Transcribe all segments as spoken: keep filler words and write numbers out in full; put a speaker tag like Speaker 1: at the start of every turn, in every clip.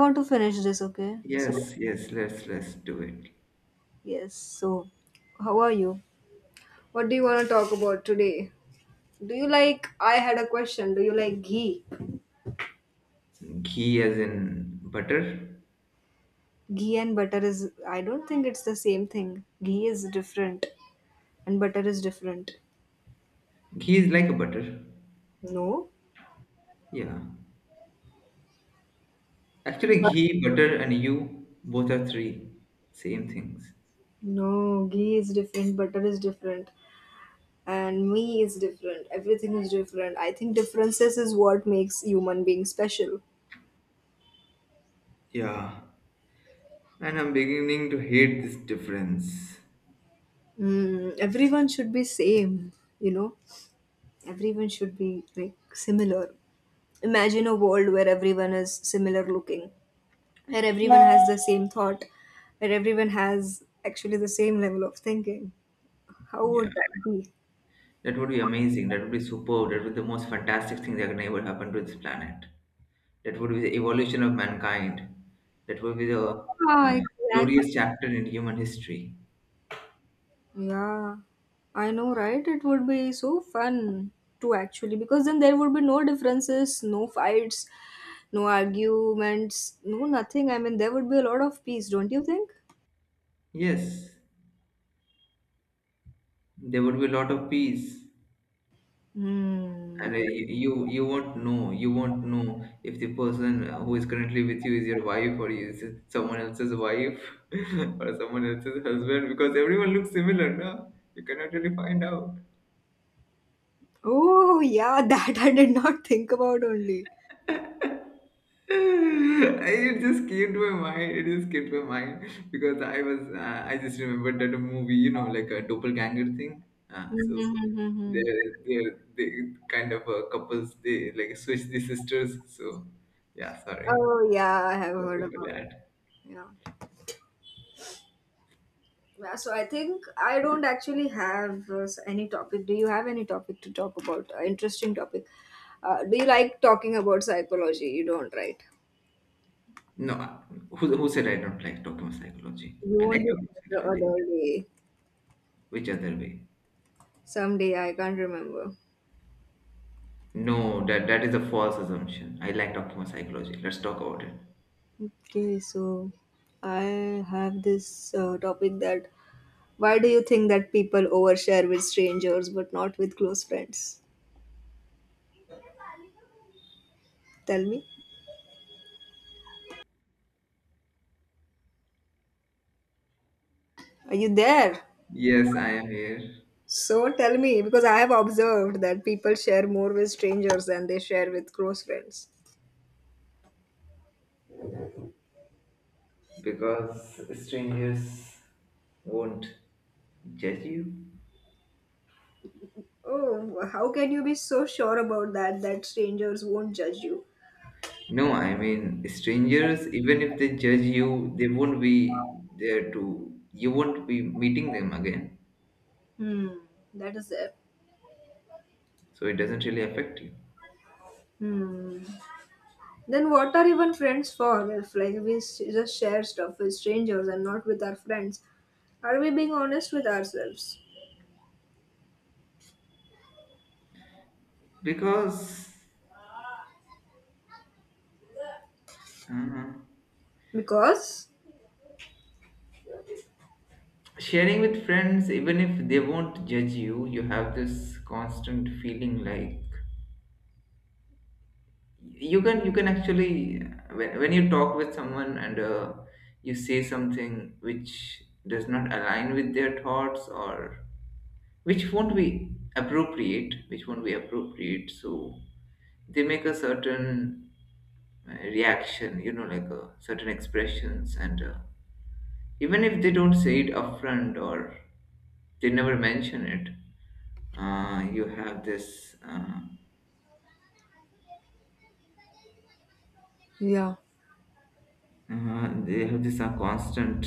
Speaker 1: I want to finish this, okay? So,
Speaker 2: Yes, yes, let's let's do it.
Speaker 1: yes. So, how are you? What do you want to talk about today? Do you like? I had a question. Do you like ghee?
Speaker 2: Ghee as in butter.
Speaker 1: Ghee and butter is. I don't think it's the same thing. Ghee is different, and butter is different.
Speaker 2: Ghee is like a butter.
Speaker 1: No.
Speaker 2: Yeah. Actually,
Speaker 1: But-
Speaker 2: ghee, butter, and you both are three same things.
Speaker 1: No, ghee is different. Butter is different, and me is different. Everything is different. I think differences is what makes human being special.
Speaker 2: Yeah. And I'm beginning to hate this difference.
Speaker 1: Mm, everyone should be same, you know. Everyone should be like similar. Imagine a world where everyone is similar looking, where everyone has the same thought, where everyone has actually the same level of thinking. How
Speaker 2: Yeah.
Speaker 1: would that be?
Speaker 2: That would be amazing. That would be superb. That would be the most fantastic thing that can ever happen to this planet. That would be the evolution of mankind. That would be the
Speaker 1: Ah,
Speaker 2: uh,
Speaker 1: exactly.
Speaker 2: glorious chapter in human history.
Speaker 1: Yeah, I know, right? It would be so fun to actually, because then there would be no differences, no fights, no arguments, no nothing. I mean, there would be a lot of peace, don't you think?
Speaker 2: Yes, there would be a lot of peace.
Speaker 1: Hmm.
Speaker 2: And uh,
Speaker 1: Yeah.
Speaker 2: you you you won't know, you won't know if the person who is currently with you is your wife or is someone else's wife or someone else's husband, because everyone looks similar. No, you cannot really find out.
Speaker 1: Oh, yeah, that I did not think about only.
Speaker 2: It just came to my mind, it just came to my mind because i was uh, I just remembered that movie, you know, like a doppelganger thing. Uh, so
Speaker 1: Mm-hmm.
Speaker 2: they're, they're they kind of uh, couples, they like switch the sisters. So yeah, sorry.
Speaker 1: Oh, yeah, I have heard
Speaker 2: Sorry for
Speaker 1: about it.
Speaker 2: that.
Speaker 1: Yeah. Yeah, so I think I don't actually have uh, s- any topic. Do you have any topic to talk about? Uh, interesting topic. Uh, do you like talking about psychology? You don't, right?
Speaker 2: No, uh, who, who said I don't like talking psychology?
Speaker 1: You
Speaker 2: I
Speaker 1: won't
Speaker 2: like
Speaker 1: do
Speaker 2: talking
Speaker 1: the
Speaker 2: psychology.
Speaker 1: other day.
Speaker 2: Which other way?
Speaker 1: Someday, I can't remember.
Speaker 2: No, that that is a false assumption. I like talking psychology. Let's talk about it.
Speaker 1: Okay, so I have this uh, topic that why do you think that people overshare with strangers but not with close friends? Tell me, are you there?
Speaker 2: Yes, I am here
Speaker 1: So tell me, because I have observed that people share more with strangers than they share with close friends.
Speaker 2: because strangers won't judge you.
Speaker 1: Oh, how can you be so sure about that that strangers won't judge you?
Speaker 2: No, I mean strangers. Even if they judge you, they won't be there to. You won't be meeting them again,
Speaker 1: Hmm, that is it.
Speaker 2: so it doesn't really affect you
Speaker 1: Hmm. Then what are even friends for if like we s- just share stuff with strangers and not with our friends? Are we being honest with ourselves?
Speaker 2: because. Uh,
Speaker 1: Because
Speaker 2: Sharing with friends, even if they won't judge you, you have this constant feeling like you can, you can actually when, when you talk with someone and uh, you say something which does not align with their thoughts, or which won't be appropriate, which won't be appropriate so they make a certain uh, reaction, you know, like a certain expressions, and uh, even if they don't say it upfront or they never mention it, uh, you have this uh,
Speaker 1: yeah,
Speaker 2: uh, they have this uh, constant,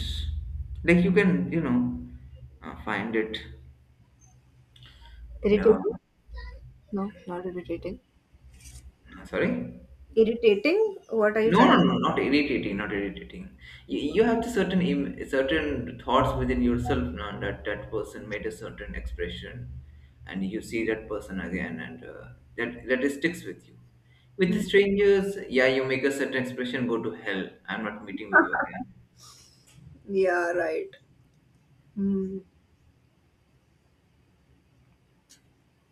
Speaker 2: like you can, you know, uh, find it, you know.
Speaker 1: irritating? No, not irritating.
Speaker 2: Sorry.
Speaker 1: Irritating? What are you
Speaker 2: No,
Speaker 1: trying?
Speaker 2: no, no, not irritating, not irritating you, you have the certain im- certain thoughts within yourself. Now that that person made a certain expression, and you see that person again, and uh, that that sticks with you. With strangers, yeah, you make a certain expression, go to hell, I'm not meeting with you again.
Speaker 1: Yeah, right. Mm,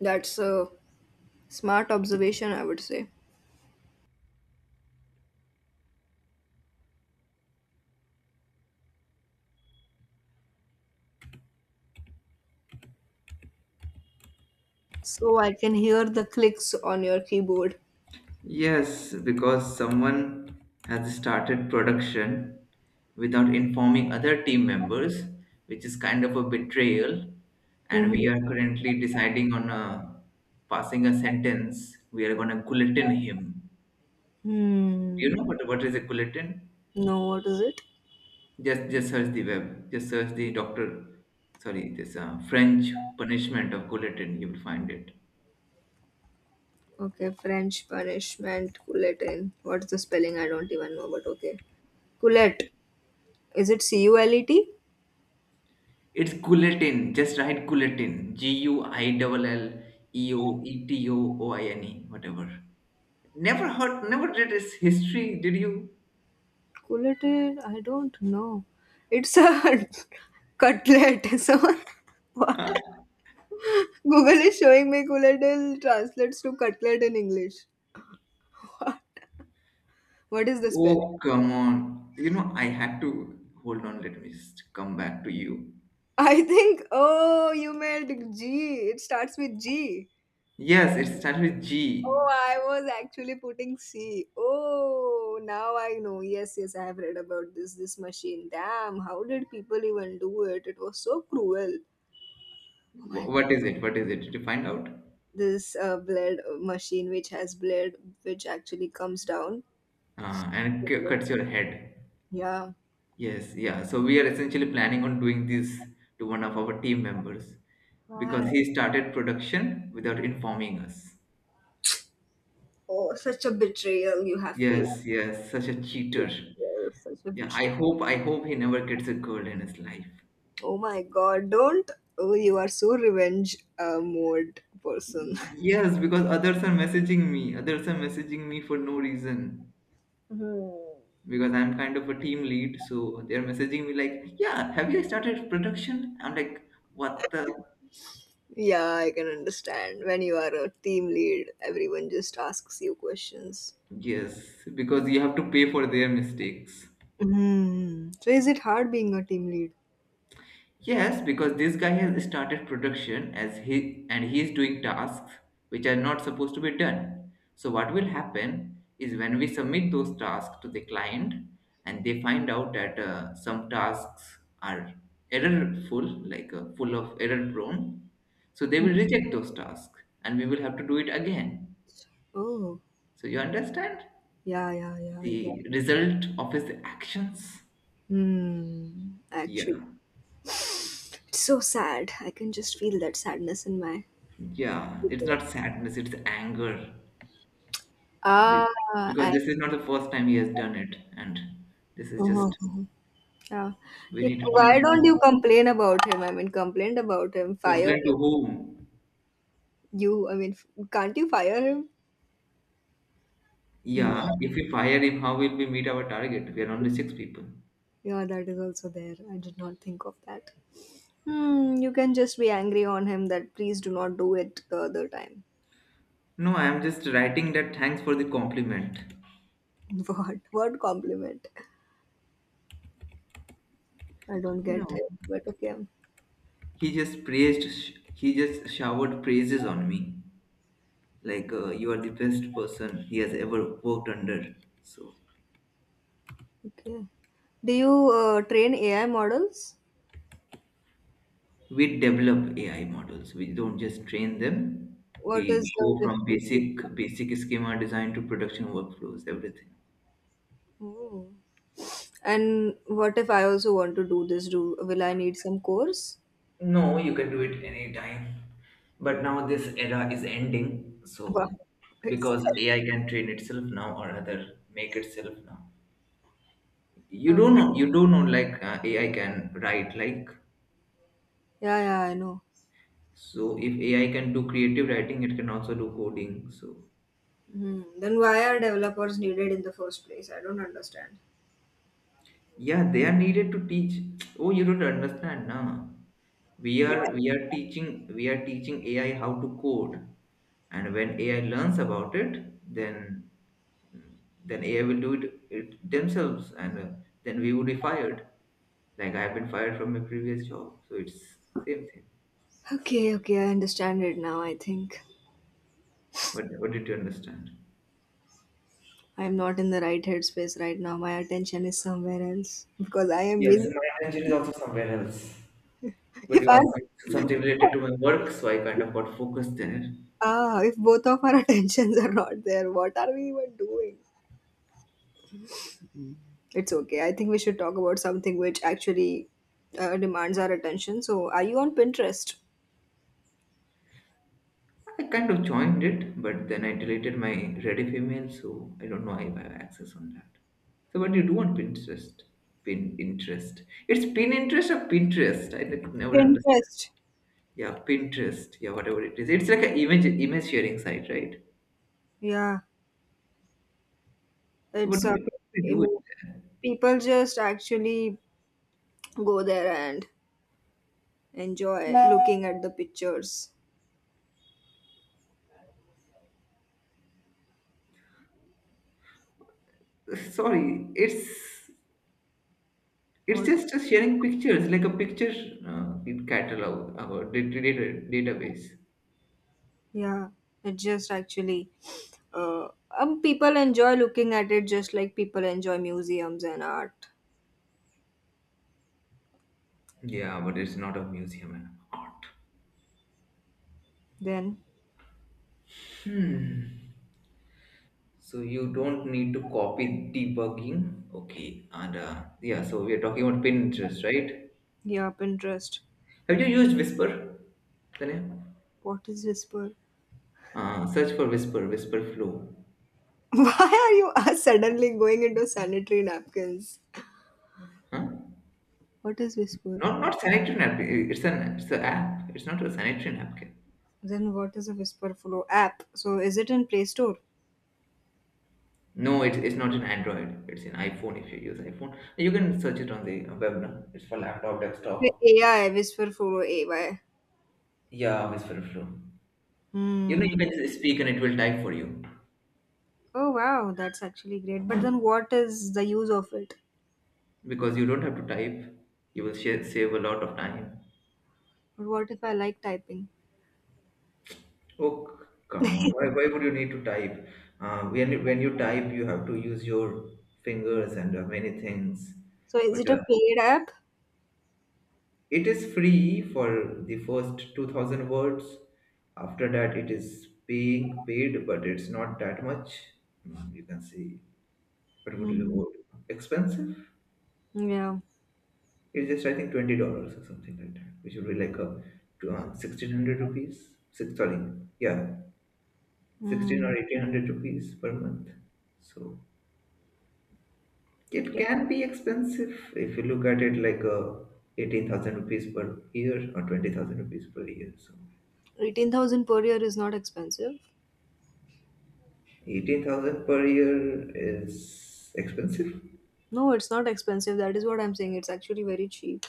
Speaker 1: that's a smart observation, I would say. So I can hear the clicks on your keyboard.
Speaker 2: Yes, because someone has started production without informing other team members, which is kind of a betrayal. And
Speaker 1: Mm-hmm.
Speaker 2: we are currently deciding on a, passing a sentence. We are going to guillotine him. Do you know
Speaker 1: Hmm.
Speaker 2: what, what is a guillotine?
Speaker 1: No, what is it?
Speaker 2: Just just search the web. Just search the doctor. Sorry, this uh, French punishment of guillotine. You will find it.
Speaker 1: Okay, French punishment, Couletin. What's the spelling? I don't even know, but okay. Coulette. Is it C U L E T?
Speaker 2: It's Culletin, just write Culletin. G U I L L E O E T O O I N E, whatever. Never heard, never read his history, did you?
Speaker 1: Couletin? I don't know. It's a cutlet. So
Speaker 2: Huh?
Speaker 1: what? Google is showing me couletin translates to cutlet in English. What is the spelling?
Speaker 2: Oh, come on. You know, I had to hold on. Let me just come back to you.
Speaker 1: I think, oh, you meant G. It starts with G.
Speaker 2: Yes, it starts with G.
Speaker 1: Oh, I was actually putting C. Oh, now I know. Yes, yes, I have read about this this machine. Damn, how did people even do it? It was so cruel. Oh my
Speaker 2: Wh-
Speaker 1: god,
Speaker 2: What is it? What is it? Did you find out?
Speaker 1: this uh, blade uh, machine which has blade which actually comes down.
Speaker 2: Uh, and it cu- cuts your head.
Speaker 1: Yeah.
Speaker 2: Yes, yeah. So we are essentially planning on doing this to one of our team members,
Speaker 1: Why?
Speaker 2: because he started production without informing us.
Speaker 1: Oh, such a betrayal you have faced.
Speaker 2: Yes, yes, such a cheater.
Speaker 1: Betrayal, such a
Speaker 2: Yeah, I
Speaker 1: betrayal.
Speaker 2: hope, I hope he never gets a girl in his life.
Speaker 1: Oh my god, don't. Oh, you are so revenge uh, mode person.
Speaker 2: Yes, because others are messaging me. Others are messaging me for no reason,
Speaker 1: Hmm.
Speaker 2: because I'm kind of a team lead, so they're messaging me like, "Yeah, have you started production?" I'm like, "What the?"
Speaker 1: Yeah, I can understand. When you are a team lead, everyone just asks you questions.
Speaker 2: Yes, because you have to pay for their mistakes.
Speaker 1: Hmm. So is it hard being a team lead?
Speaker 2: Yes, because this guy has started production, as he and he is doing tasks which are not supposed to be done. So what will happen is when we submit those tasks to the client and they find out that uh, some tasks are errorful, like uh, full of error prone, so they will reject those tasks and we will have to do it again.
Speaker 1: Oh,
Speaker 2: So you understand
Speaker 1: yeah, yeah, yeah, I get.
Speaker 2: the result of his actions?
Speaker 1: Hmm.
Speaker 2: Yeah,
Speaker 1: Actually, it's so sad. I can just feel that sadness in my.
Speaker 2: yeah. It's not sadness; it's anger. Be-
Speaker 1: Ah,
Speaker 2: because
Speaker 1: I.
Speaker 2: this is not the first time he has done it, and this is
Speaker 1: uh
Speaker 2: just,
Speaker 1: Yeah.
Speaker 2: we
Speaker 1: You,
Speaker 2: need to
Speaker 1: why
Speaker 2: teach
Speaker 1: don't you
Speaker 2: him.
Speaker 1: complain about him? I mean, complain about him. Fire
Speaker 2: Complain to
Speaker 1: him.
Speaker 2: whom?
Speaker 1: You, I mean, f- Can't you fire him? No.
Speaker 2: Yeah, if we fire him, how will we meet our target? We are only six people.
Speaker 1: Yeah, that is also there. I did not think of that. Hmm, you can just be angry on him that please do not do it the other time.
Speaker 2: No, I am just writing that thanks for the compliment.
Speaker 1: What? What compliment? I don't
Speaker 2: You know,
Speaker 1: get it, but okay.
Speaker 2: he just praised sh- he just showered praises on me like, uh, you are the best person he has ever worked under. So
Speaker 1: Okay. Do you uh, train A I models?
Speaker 2: we develop A I models. We don't just train them.
Speaker 1: What
Speaker 2: We
Speaker 1: is
Speaker 2: go
Speaker 1: the
Speaker 2: from
Speaker 1: difference?
Speaker 2: basic basic schema design to production workflows, everything.
Speaker 1: Oh. And what if I also want to do this? Do will I need some course?
Speaker 2: No, you can do it anytime. But now this era is ending.
Speaker 1: Wow.
Speaker 2: So
Speaker 1: It's
Speaker 2: because A I can train itself now, or rather make itself now. You
Speaker 1: terrible.
Speaker 2: don't
Speaker 1: Oh.
Speaker 2: know, you don't know like uh, A I can write like,
Speaker 1: Yeah, yeah, I know.
Speaker 2: so if A I can do creative writing, it can also do coding. So
Speaker 1: Hmm. Then why are developers needed in the first place? I don't understand.
Speaker 2: yeah, they are needed to teach. Oh, you don't understand, nah. We
Speaker 1: Yeah.
Speaker 2: are we are teaching, we are teaching A I how to code, and when A I learns about it, then then A I will do it, it themselves, and uh, then we would be fired. Like I have been fired from my previous job, so it's same thing.
Speaker 1: Okay, okay, I understand it now. I think
Speaker 2: What what did you understand?
Speaker 1: I'm not in the right headspace right now. My attention is somewhere else because I am busy.
Speaker 2: Yes, my attention is also somewhere else. But
Speaker 1: If
Speaker 2: you
Speaker 1: I
Speaker 2: asked some- something related to my work, so I kind of got focused there.
Speaker 1: ah, If both of our attentions are not there, what are we even doing? It's okay. I think we should talk about something which actually uh, demands our attention. So, are you on Pinterest?
Speaker 2: I kind of joined it, but then I deleted my Reddit email, so I don't know if I have access on that. So what do you do on Pinterest? Pin interest. It's pin interest or Pinterest. I could never understand.
Speaker 1: Pinterest.
Speaker 2: Yeah, Pinterest. Yeah, whatever it is. It's like an image image sharing site, right?
Speaker 1: Yeah,
Speaker 2: So what
Speaker 1: it's
Speaker 2: do
Speaker 1: uh,
Speaker 2: people do it
Speaker 1: emo- people just actually go there and enjoy looking at the pictures.
Speaker 2: there? Sorry, it's it's
Speaker 1: What?
Speaker 2: just a sharing pictures, like a picture uh, in catalog, our data, data, database.
Speaker 1: Yeah, it just actually uh, um people enjoy looking at it just like people enjoy museums and art.
Speaker 2: Yeah, but it's not a museum and art.
Speaker 1: Then
Speaker 2: Hmm. So you don't need to copy debugging. Okay, and uh, yeah, so we are talking about Pinterest, right?
Speaker 1: yeah, Pinterest.
Speaker 2: Have you used Whisper? Tanya?
Speaker 1: What is Whisper?
Speaker 2: Uh, search for Whisper, Whisper Flow.
Speaker 1: Why are you uh, suddenly going into sanitary napkins?
Speaker 2: Huh?
Speaker 1: What is Whisper?
Speaker 2: Not not Sanitarian app. It's an it's an app. It's not a Sanitarian app. Okay.
Speaker 1: Then what is a Whisper Flow app? So is it in Play Store?
Speaker 2: No, it's it's not an Android. It's an iPhone. If you use iPhone, you can search it on the web now. It's for laptop, desktop.
Speaker 1: Okay, AI Whisper Flow, ay.
Speaker 2: Yeah, Whisper Flow. You know,
Speaker 1: Hmm.
Speaker 2: you can just speak and it will type for you,
Speaker 1: Oh wow, that's actually great, but then what is the use of it?
Speaker 2: because you don't have to type. You will share, save a lot of time.
Speaker 1: But what if I like typing?
Speaker 2: Oh, c- come on. Why, why would you need to type? Uh, when, when you type, you have to use your fingers and uh, many things.
Speaker 1: So is
Speaker 2: But
Speaker 1: it a
Speaker 2: uh,
Speaker 1: paid app?
Speaker 2: it is free for the first two thousand words. After that, it is being paid, but it's not that much. Mm, you can see. What would you
Speaker 1: Mm.
Speaker 2: go? Expensive?
Speaker 1: Yeah.
Speaker 2: It's just, I think, twenty dollars or something like that, which would be like a, uh, sixteen hundred rupees. Six, sorry. Yeah. sixteen
Speaker 1: Mm.
Speaker 2: or eighteen hundred rupees per month. So. It
Speaker 1: Okay.
Speaker 2: can be expensive if you look at it like uh, eighteen thousand rupees per year or twenty thousand rupees per year. So
Speaker 1: eighteen thousand per year is not expensive.
Speaker 2: eighteen thousand per year is expensive?
Speaker 1: No, it's not expensive. That is what I'm saying. It's actually very cheap.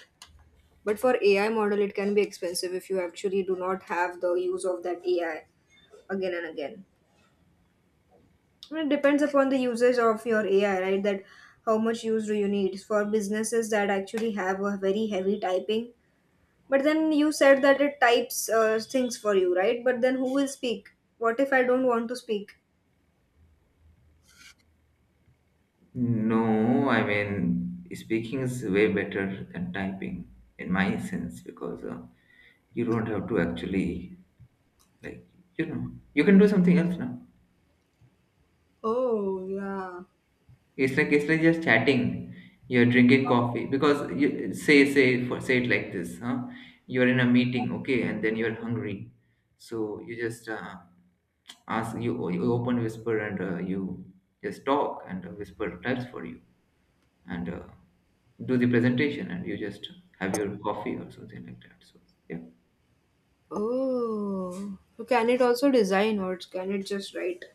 Speaker 1: But for A I model, it can be expensive if you actually do not have the use of that A I again and again. And it depends upon the usage of your A I, right? That how much use do you need? For businesses that actually have a very heavy typing, but then you said that it types uh, things for you, right? But then who will speak? What if I don't want to speak?
Speaker 2: No, I mean, speaking is way better than typing in my sense, because uh, you don't have to actually, like, you know, you can do something else now.
Speaker 1: Oh, yeah.
Speaker 2: It's like, it's like just chatting. You're drinking coffee because you say say for say it like this, huh? You're in a meeting, okay, and then you're hungry, so you just uh, ask you you open whisper and uh, you just talk and uh, whisper types for you and uh, do the presentation and you just have your coffee or something like that. So yeah.
Speaker 1: Oh. So can it also design, or can it just write?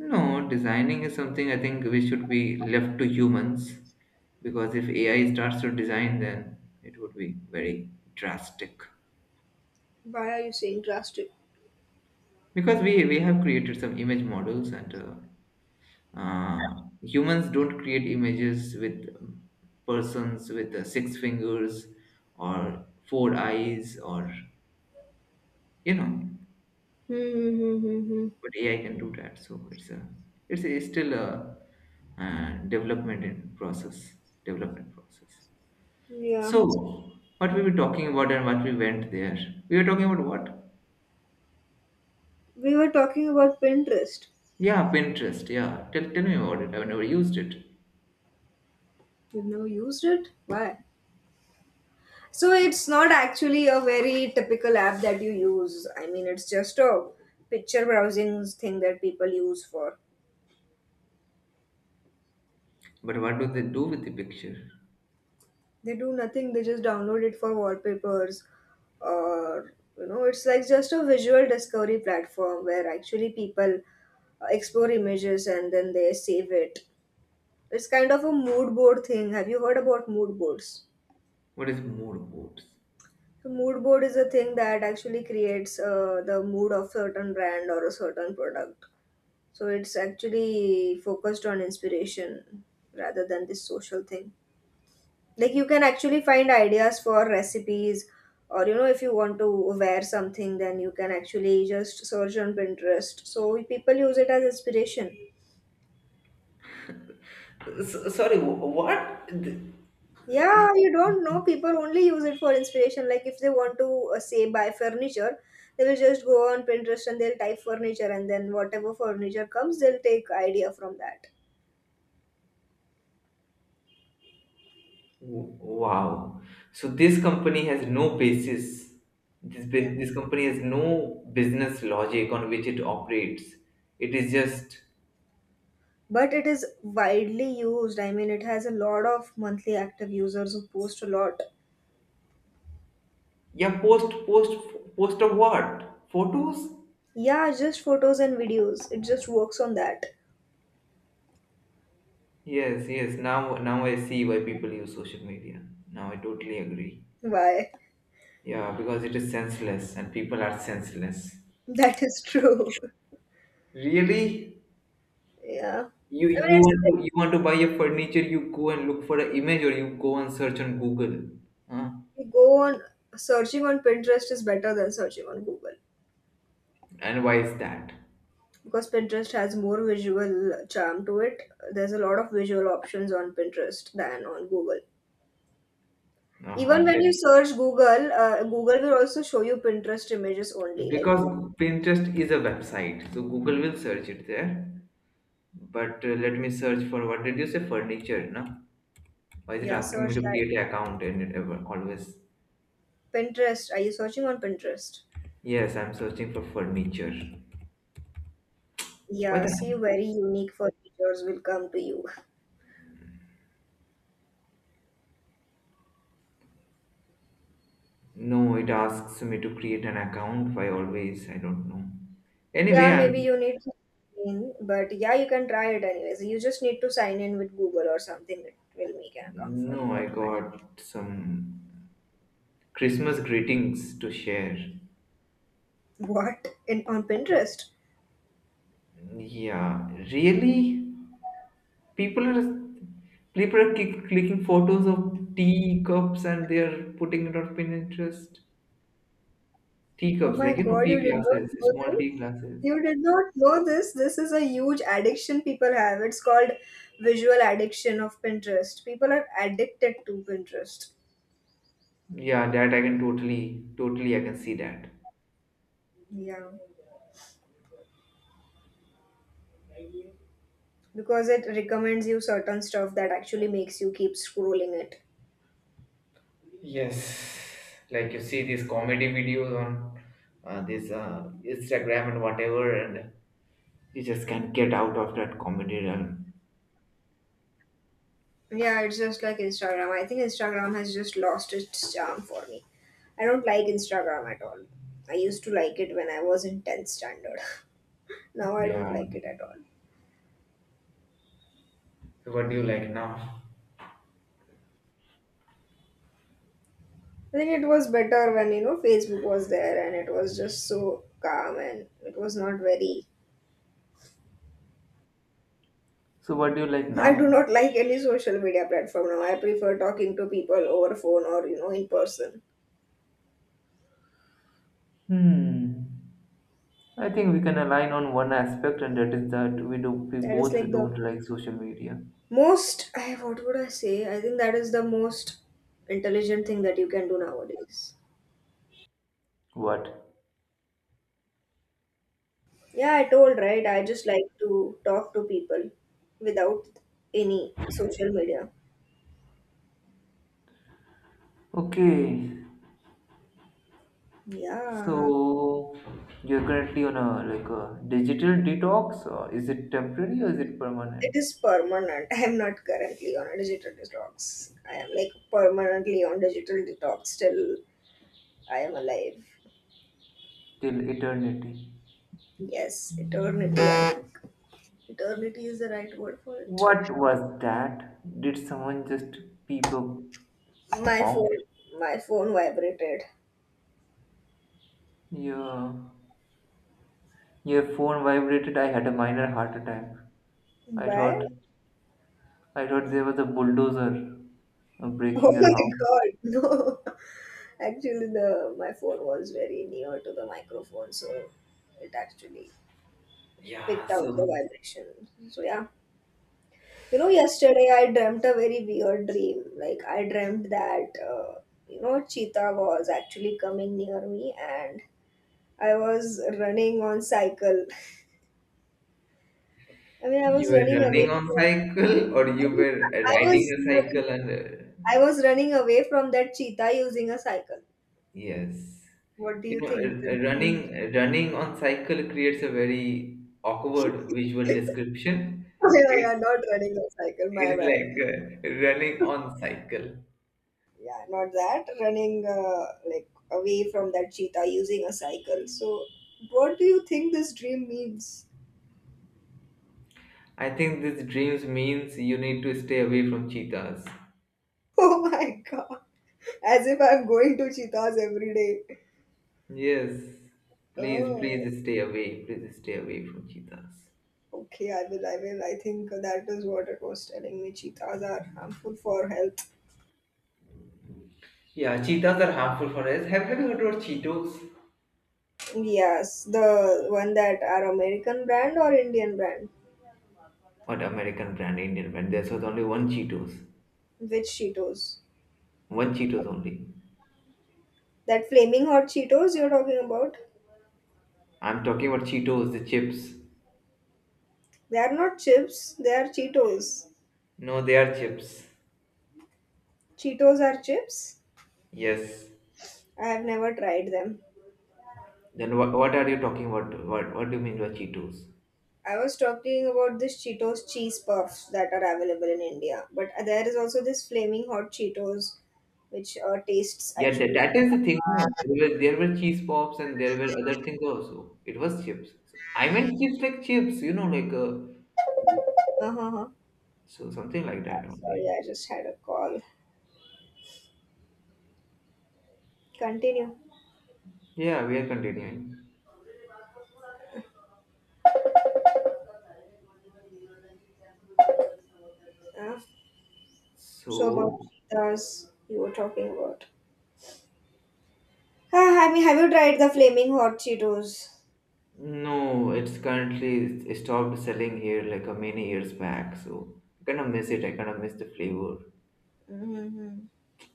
Speaker 2: No, designing is something I think we should be left to humans, because if A I starts to design, then it would be very drastic.
Speaker 1: Why are you saying drastic?
Speaker 2: Because we we have created some image models and uh, uh, humans don't create images with um, persons with uh, six fingers or four eyes or you know,
Speaker 1: Hmm.
Speaker 2: but A I can do that. So it's a, it's, a, it's still a uh, development in process, development process.
Speaker 1: Yeah.
Speaker 2: So, what we were talking about and what we went there? We were talking about what?
Speaker 1: We were talking about Pinterest.
Speaker 2: Yeah, Pinterest. Yeah, tell, tell me about it. I've never used it.
Speaker 1: You've never used it? Why? So it's not actually a very typical app that you use. I mean, it's just a picture browsing thing that people use for.
Speaker 2: But what do they do with the picture?
Speaker 1: They do nothing, they just download it for wallpapers, or you know, it's like just a visual discovery platform where actually people uh, explore images and then they save it. It's kind of a mood board thing. Have you heard about mood boards?
Speaker 2: What is mood boards?
Speaker 1: So mood board is a thing that actually creates uh, the mood of certain brand or a certain product. So it's actually focused on inspiration rather than this social thing. Like you can actually find ideas for recipes, or you know, if you want to wear something, then you can actually just search on Pinterest. So people use it as inspiration.
Speaker 2: S- sorry, wh- what? Th-
Speaker 1: Yeah, you don't know, people only use it for inspiration. Like if they want to uh, say buy furniture, they will just go on Pinterest and they'll type furniture and then whatever furniture comes, they'll take idea from that.
Speaker 2: Wow. So this company has no basis. This
Speaker 1: Yeah.
Speaker 2: bu- this company has no business logic on which it operates. It is just
Speaker 1: But it is widely used. I mean, it has a lot of monthly active users who post a lot.
Speaker 2: yeah, post post post of what? Photos?
Speaker 1: Yeah, just photos and videos. It just works on that.
Speaker 2: Yes, yes. Now, now I see why people use social media. Now I totally agree.
Speaker 1: Why?
Speaker 2: Yeah, because it is senseless and people are senseless.
Speaker 1: That is true.
Speaker 2: Really?
Speaker 1: Yeah. I
Speaker 2: You
Speaker 1: mean,
Speaker 2: you
Speaker 1: it's,
Speaker 2: want to you want to buy a furniture, you go and look for an image or you go and search on Google. Huh?
Speaker 1: you go on searching on Pinterest is better than searching on Google
Speaker 2: And why is that?
Speaker 1: because Pinterest has more visual charm to it. There's a lot of visual options on Pinterest than on Google. Even
Speaker 2: Uh-huh.
Speaker 1: when
Speaker 2: let-
Speaker 1: you search Google, uh, Google will also show you Pinterest images only. Like,
Speaker 2: Because Pinterest is a website, so Google will search it there. But uh, let me search for what did you say? Furniture, no? Why is it
Speaker 1: yeah,
Speaker 2: asking
Speaker 1: search
Speaker 2: me to
Speaker 1: that.
Speaker 2: create an account and it ever always?
Speaker 1: Pinterest. Are you searching on Pinterest?
Speaker 2: Yes, I'm searching for furniture. Why
Speaker 1: Yeah,
Speaker 2: the hell?
Speaker 1: see, very unique furnitures will come to you.
Speaker 2: No, it asks me to create an account. Why always? I don't know.
Speaker 1: Yeah,
Speaker 2: Anyway,
Speaker 1: maybe
Speaker 2: I'm.
Speaker 1: you need to sign in, but yeah, you can try it anyways. You just need to sign in with Google or something. It will make an account for
Speaker 2: No,
Speaker 1: you
Speaker 2: I
Speaker 1: automatically.
Speaker 2: got some Christmas greetings to share.
Speaker 1: What? In on Pinterest?
Speaker 2: Yeah, really? People are people are click, clicking photos of tea cups and they are putting it on Pinterest. Tea
Speaker 1: Oh
Speaker 2: cups,
Speaker 1: my
Speaker 2: like you know,
Speaker 1: God, you
Speaker 2: tea
Speaker 1: did not
Speaker 2: glasses,
Speaker 1: know
Speaker 2: small tea
Speaker 1: this.
Speaker 2: glasses.
Speaker 1: You did not know this. This is a huge addiction people have. It's called visual addiction of Pinterest. People are addicted to Pinterest.
Speaker 2: Yeah, that I can totally, totally, I can see that.
Speaker 1: Yeah. Because it recommends you certain stuff that actually makes you keep scrolling it.
Speaker 2: Yes, like you see these comedy videos on uh, this uh, Instagram and whatever, and you just can't get out of that comedy realm.
Speaker 1: Yeah, it's just like Instagram. I think Instagram has just lost its charm for me. I don't like Instagram at all. I used to like it when I was in tenth standard. Now I don't
Speaker 2: Yeah.
Speaker 1: like it at all.
Speaker 2: So what do you like now?
Speaker 1: I think it was better when, you know, Facebook was there and it was just so calm and it was not very.
Speaker 2: So, what do you like
Speaker 1: I do
Speaker 2: now?
Speaker 1: not like any social media platform now. I prefer talking to people over phone, or you know, in person.
Speaker 2: Hmm. I think we can align on one aspect, and that is that we do we
Speaker 1: That is
Speaker 2: both
Speaker 1: like the
Speaker 2: don't like social media.
Speaker 1: most. I What would I say? I think that is the most intelligent thing that you can do nowadays.
Speaker 2: What?
Speaker 1: Yeah, I told, right? I just like to talk to people without any social media.
Speaker 2: Okay.
Speaker 1: Yeah,
Speaker 2: So you're currently on a like a digital detox, or is it temporary or is it
Speaker 1: it
Speaker 2: permanent
Speaker 1: is permanent. I am not currently on a digital detox. I am like permanently on digital detox till I am alive.
Speaker 2: till eternity?
Speaker 1: Yes, eternity. I think. Eternity is the right word for it.
Speaker 2: What was that? Did someone just peep a
Speaker 1: My
Speaker 2: honk?
Speaker 1: phone, my phone vibrated.
Speaker 2: Yeah. Your phone vibrated. I had a minor heart attack. I thought
Speaker 1: Why?
Speaker 2: I thought there was a bulldozer uh,
Speaker 1: Oh
Speaker 2: breaking your
Speaker 1: my
Speaker 2: house.
Speaker 1: god, no. Actually, the My phone was very near to the microphone, so it actually
Speaker 2: Yeah,
Speaker 1: without the
Speaker 2: so
Speaker 1: vibration. So yeah, you know, yesterday I dreamt a very weird dream. Like I dreamt that uh, you know cheetah was actually coming near me, and I was running on cycle. I mean, I
Speaker 2: you
Speaker 1: was
Speaker 2: were
Speaker 1: running away.
Speaker 2: running on
Speaker 1: From,
Speaker 2: cycle or
Speaker 1: I
Speaker 2: you
Speaker 1: mean,
Speaker 2: were uh,
Speaker 1: I
Speaker 2: riding
Speaker 1: was
Speaker 2: a
Speaker 1: running,
Speaker 2: cycle and uh,
Speaker 1: I was running away from that cheetah using a cycle.
Speaker 2: yes.
Speaker 1: What do
Speaker 2: You
Speaker 1: you
Speaker 2: know,
Speaker 1: think? The
Speaker 2: uh, uh,
Speaker 1: dream-
Speaker 2: running running on cycle creates a very awkward visual description.
Speaker 1: yeah, yeah,
Speaker 2: It's
Speaker 1: not running on cycle. My
Speaker 2: It's
Speaker 1: bad.
Speaker 2: like uh, running on cycle.
Speaker 1: Yeah, not that, running uh, like away from that cheetah using a cycle. So what do you think this dream means?
Speaker 2: I think this dreams means you need to stay away from cheetahs.
Speaker 1: Oh my god, as if I'm going to cheetahs every day.
Speaker 2: Yes, please,
Speaker 1: Oh,
Speaker 2: please stay away. Please stay away from cheetahs.
Speaker 1: okay, I will, i will I think that is what it was telling me, cheetahs are harmful for health.
Speaker 2: Yeah, cheetahs are harmful for us. Have, have you heard about Cheetos?
Speaker 1: Yes, the one that are American brand or Indian brand?
Speaker 2: What American brand, Indian brand? There was only one Cheetos.
Speaker 1: Which Cheetos?
Speaker 2: One Cheetos only.
Speaker 1: That flaming hot Cheetos you're talking about?
Speaker 2: I'm talking about Cheetos, the chips.
Speaker 1: They are not chips, they are Cheetos.
Speaker 2: No, they are chips.
Speaker 1: Cheetos are chips?
Speaker 2: Yes.
Speaker 1: I have never tried them.
Speaker 2: Then what, what are you talking about? What, what do you mean by Cheetos?
Speaker 1: I was talking about this Cheetos cheese puffs that are available in India, but there is also this flaming hot Cheetos, which uh, tastes
Speaker 2: Yeah, that,
Speaker 1: actually.
Speaker 2: that is the thing. No. There were, there were cheese pops and there were other things also. It was chips. So, I meant chips like chips, you know, like uh,
Speaker 1: Uh huh.
Speaker 2: so something like that
Speaker 1: Sorry,
Speaker 2: only.
Speaker 1: I just had a call. Continue.
Speaker 2: Yeah, we are continuing.
Speaker 1: Uh, so about
Speaker 2: So
Speaker 1: cheetahs you were talking about. Ah, I mean, have you tried the flaming hot Cheetos?
Speaker 2: no, it's currently stopped selling here like a many years back. So I kind of miss it. I kind of miss the flavor.
Speaker 1: Mm-hmm.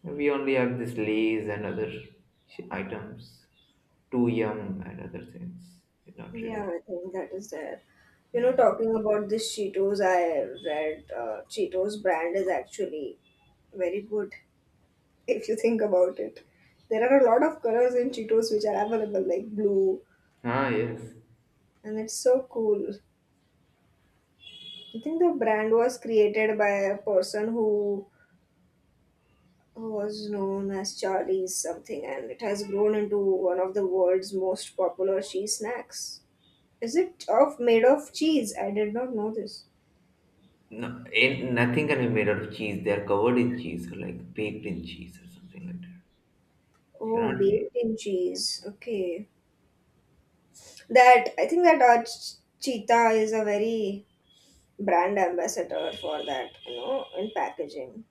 Speaker 2: We only have this Lay's and other sh- items, Too Yum and other things. Not
Speaker 1: Yeah,
Speaker 2: really.
Speaker 1: I think that is there. You know,
Speaker 2: Yeah.
Speaker 1: talking about this Cheetos, I read uh, Cheetos brand is actually very good, if you think about it. There are a lot of colors in Cheetos which are available, like blue,
Speaker 2: Ah, yes.
Speaker 1: and it's so cool. I think the brand was created by a person who was known as Charlie's something, and it has grown into one of the world's most popular cheese snacks. Is it of made of cheese? I did not know this.
Speaker 2: No, ain't nothing can be made out of cheese. They are covered in cheese or like baked in cheese or something like that.
Speaker 1: Oh,
Speaker 2: Cannot be.
Speaker 1: baked in cheese. Okay, that, I think that our Ch- Cheetah is a very brand ambassador for that, you know, in packaging.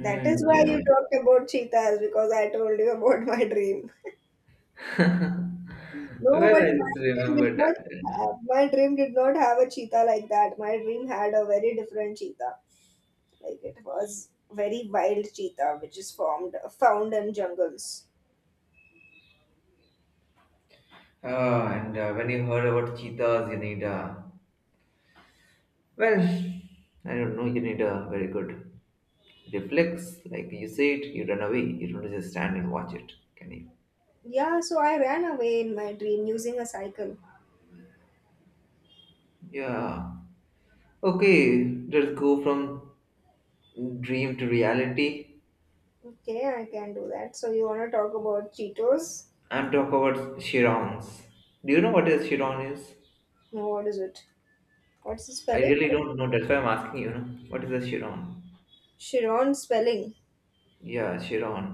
Speaker 1: That is why
Speaker 2: yeah.
Speaker 1: you talked about cheetahs, because I told you about my dream.
Speaker 2: Well,
Speaker 1: No, but
Speaker 2: I
Speaker 1: my
Speaker 2: just
Speaker 1: dream did
Speaker 2: remembered
Speaker 1: not
Speaker 2: that.
Speaker 1: have, my dream did not have a cheetah like that. My dream had a very different cheetah. Like it was very wild cheetah which is formed found in jungles.
Speaker 2: Oh, and uh, when you heard about cheetahs, you need a. Well, I don't know, you need a very good reflex. Like you see it, you run away. You don't just stand and watch it, can you?
Speaker 1: Yeah, so I ran away in my dream using a cycle.
Speaker 2: Yeah. Okay, let's go from dream to reality.
Speaker 1: Okay, I can do that. So you wanna talk about Cheetos?
Speaker 2: And talk about chirons. Do you know what a chiron is?
Speaker 1: No, what is it? What's the
Speaker 2: I
Speaker 1: spelling?
Speaker 2: really don't know. That's why I'm asking you. Know? What is a chiron?
Speaker 1: Chiron spelling.
Speaker 2: Yeah, chiron.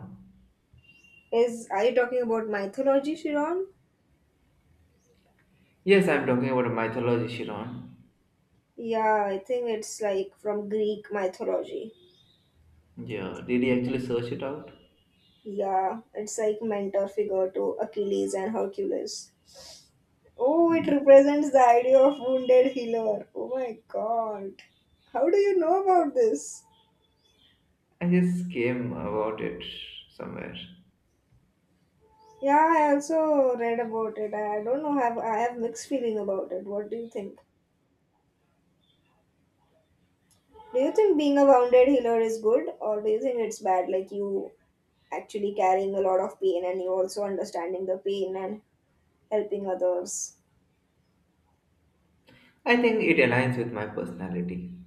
Speaker 1: Is, are you talking about mythology, Chiron?
Speaker 2: Yes, I'm talking about a mythology chiron.
Speaker 1: Yeah, I think it's like from Greek mythology.
Speaker 2: Yeah. Did you actually search it out?
Speaker 1: Yeah, it's like mentor figure to Achilles and Hercules. Oh, it
Speaker 2: Mm.
Speaker 1: represents the idea of wounded healer. Oh my god. How do you know about this?
Speaker 2: I just came about it somewhere.
Speaker 1: Yeah, I also read about it. I don't know, have I, have mixed feeling about it. What do you think? Do you think being a wounded healer is good, or do you think it's bad, like you actually carrying a lot of pain and you also understanding the pain and helping others?
Speaker 2: I think it aligns with my personality.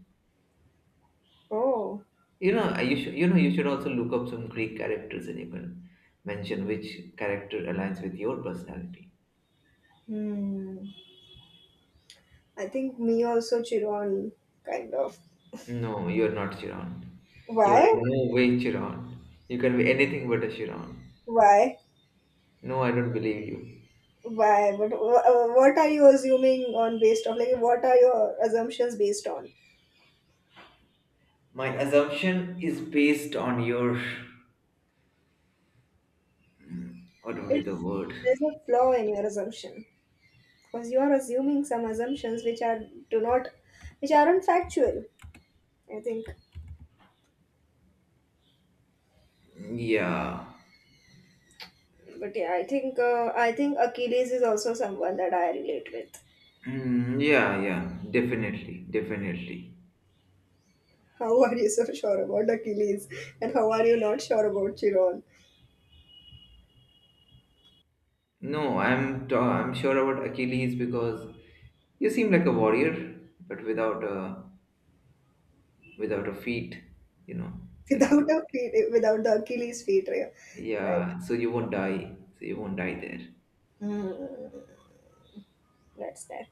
Speaker 1: Oh.
Speaker 2: You know, I- you should you know you should also look up some Greek characters and you can mention which character aligns with your personality.
Speaker 1: Hmm. I think me also Chiron, kind of.
Speaker 2: No, you're not Chiron. You're
Speaker 1: Why?
Speaker 2: in no way Chiron. You can be anything but a Chiron.
Speaker 1: Why?
Speaker 2: No, I don't believe you.
Speaker 1: Why? But wh- uh, what are you assuming on based on? Like, what are your assumptions based on?
Speaker 2: My assumption is based on your. What would be the
Speaker 1: It's,
Speaker 2: word?
Speaker 1: there's a flaw in your assumption because you are assuming some assumptions which are do not, which aren't factual, I think.
Speaker 2: Yeah.
Speaker 1: But yeah, I think uh, I think Achilles is also someone that I relate with.
Speaker 2: Mm, yeah, yeah. Definitely, definitely.
Speaker 1: How are you so sure about Achilles, and how are you not sure about Chiron?
Speaker 2: No, I'm. Ta- I'm sure about Achilles because you seem like a warrior, but without a without a feet. You know, like
Speaker 1: Without
Speaker 2: a,
Speaker 1: the feet, without the Achilles feet, right?
Speaker 2: yeah. So you won't die. So you won't die there.
Speaker 1: Mm, that's there.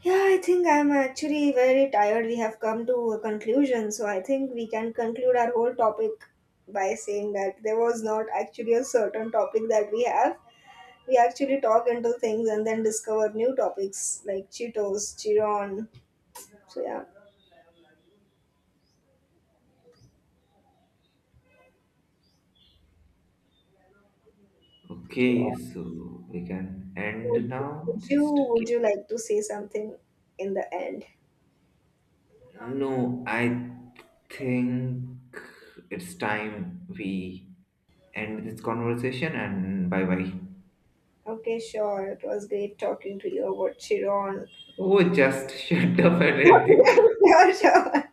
Speaker 1: Yeah, I think I'm actually very tired. We have come to a conclusion, so I think we can conclude our whole topic by saying that there was not actually a certain topic that we have. We actually talk into things and then discover new topics like Cheetos, Chiron. So yeah, would,
Speaker 2: Okay, so we can end
Speaker 1: would
Speaker 2: now.
Speaker 1: you,
Speaker 2: Just okay.
Speaker 1: would you like to say something in the end?
Speaker 2: No, I think it's time we end this conversation and bye bye.
Speaker 1: Okay, sure. It was great talking to you about Chiron.
Speaker 2: Oh, just shut up and end the
Speaker 1: Okay, sure, sure.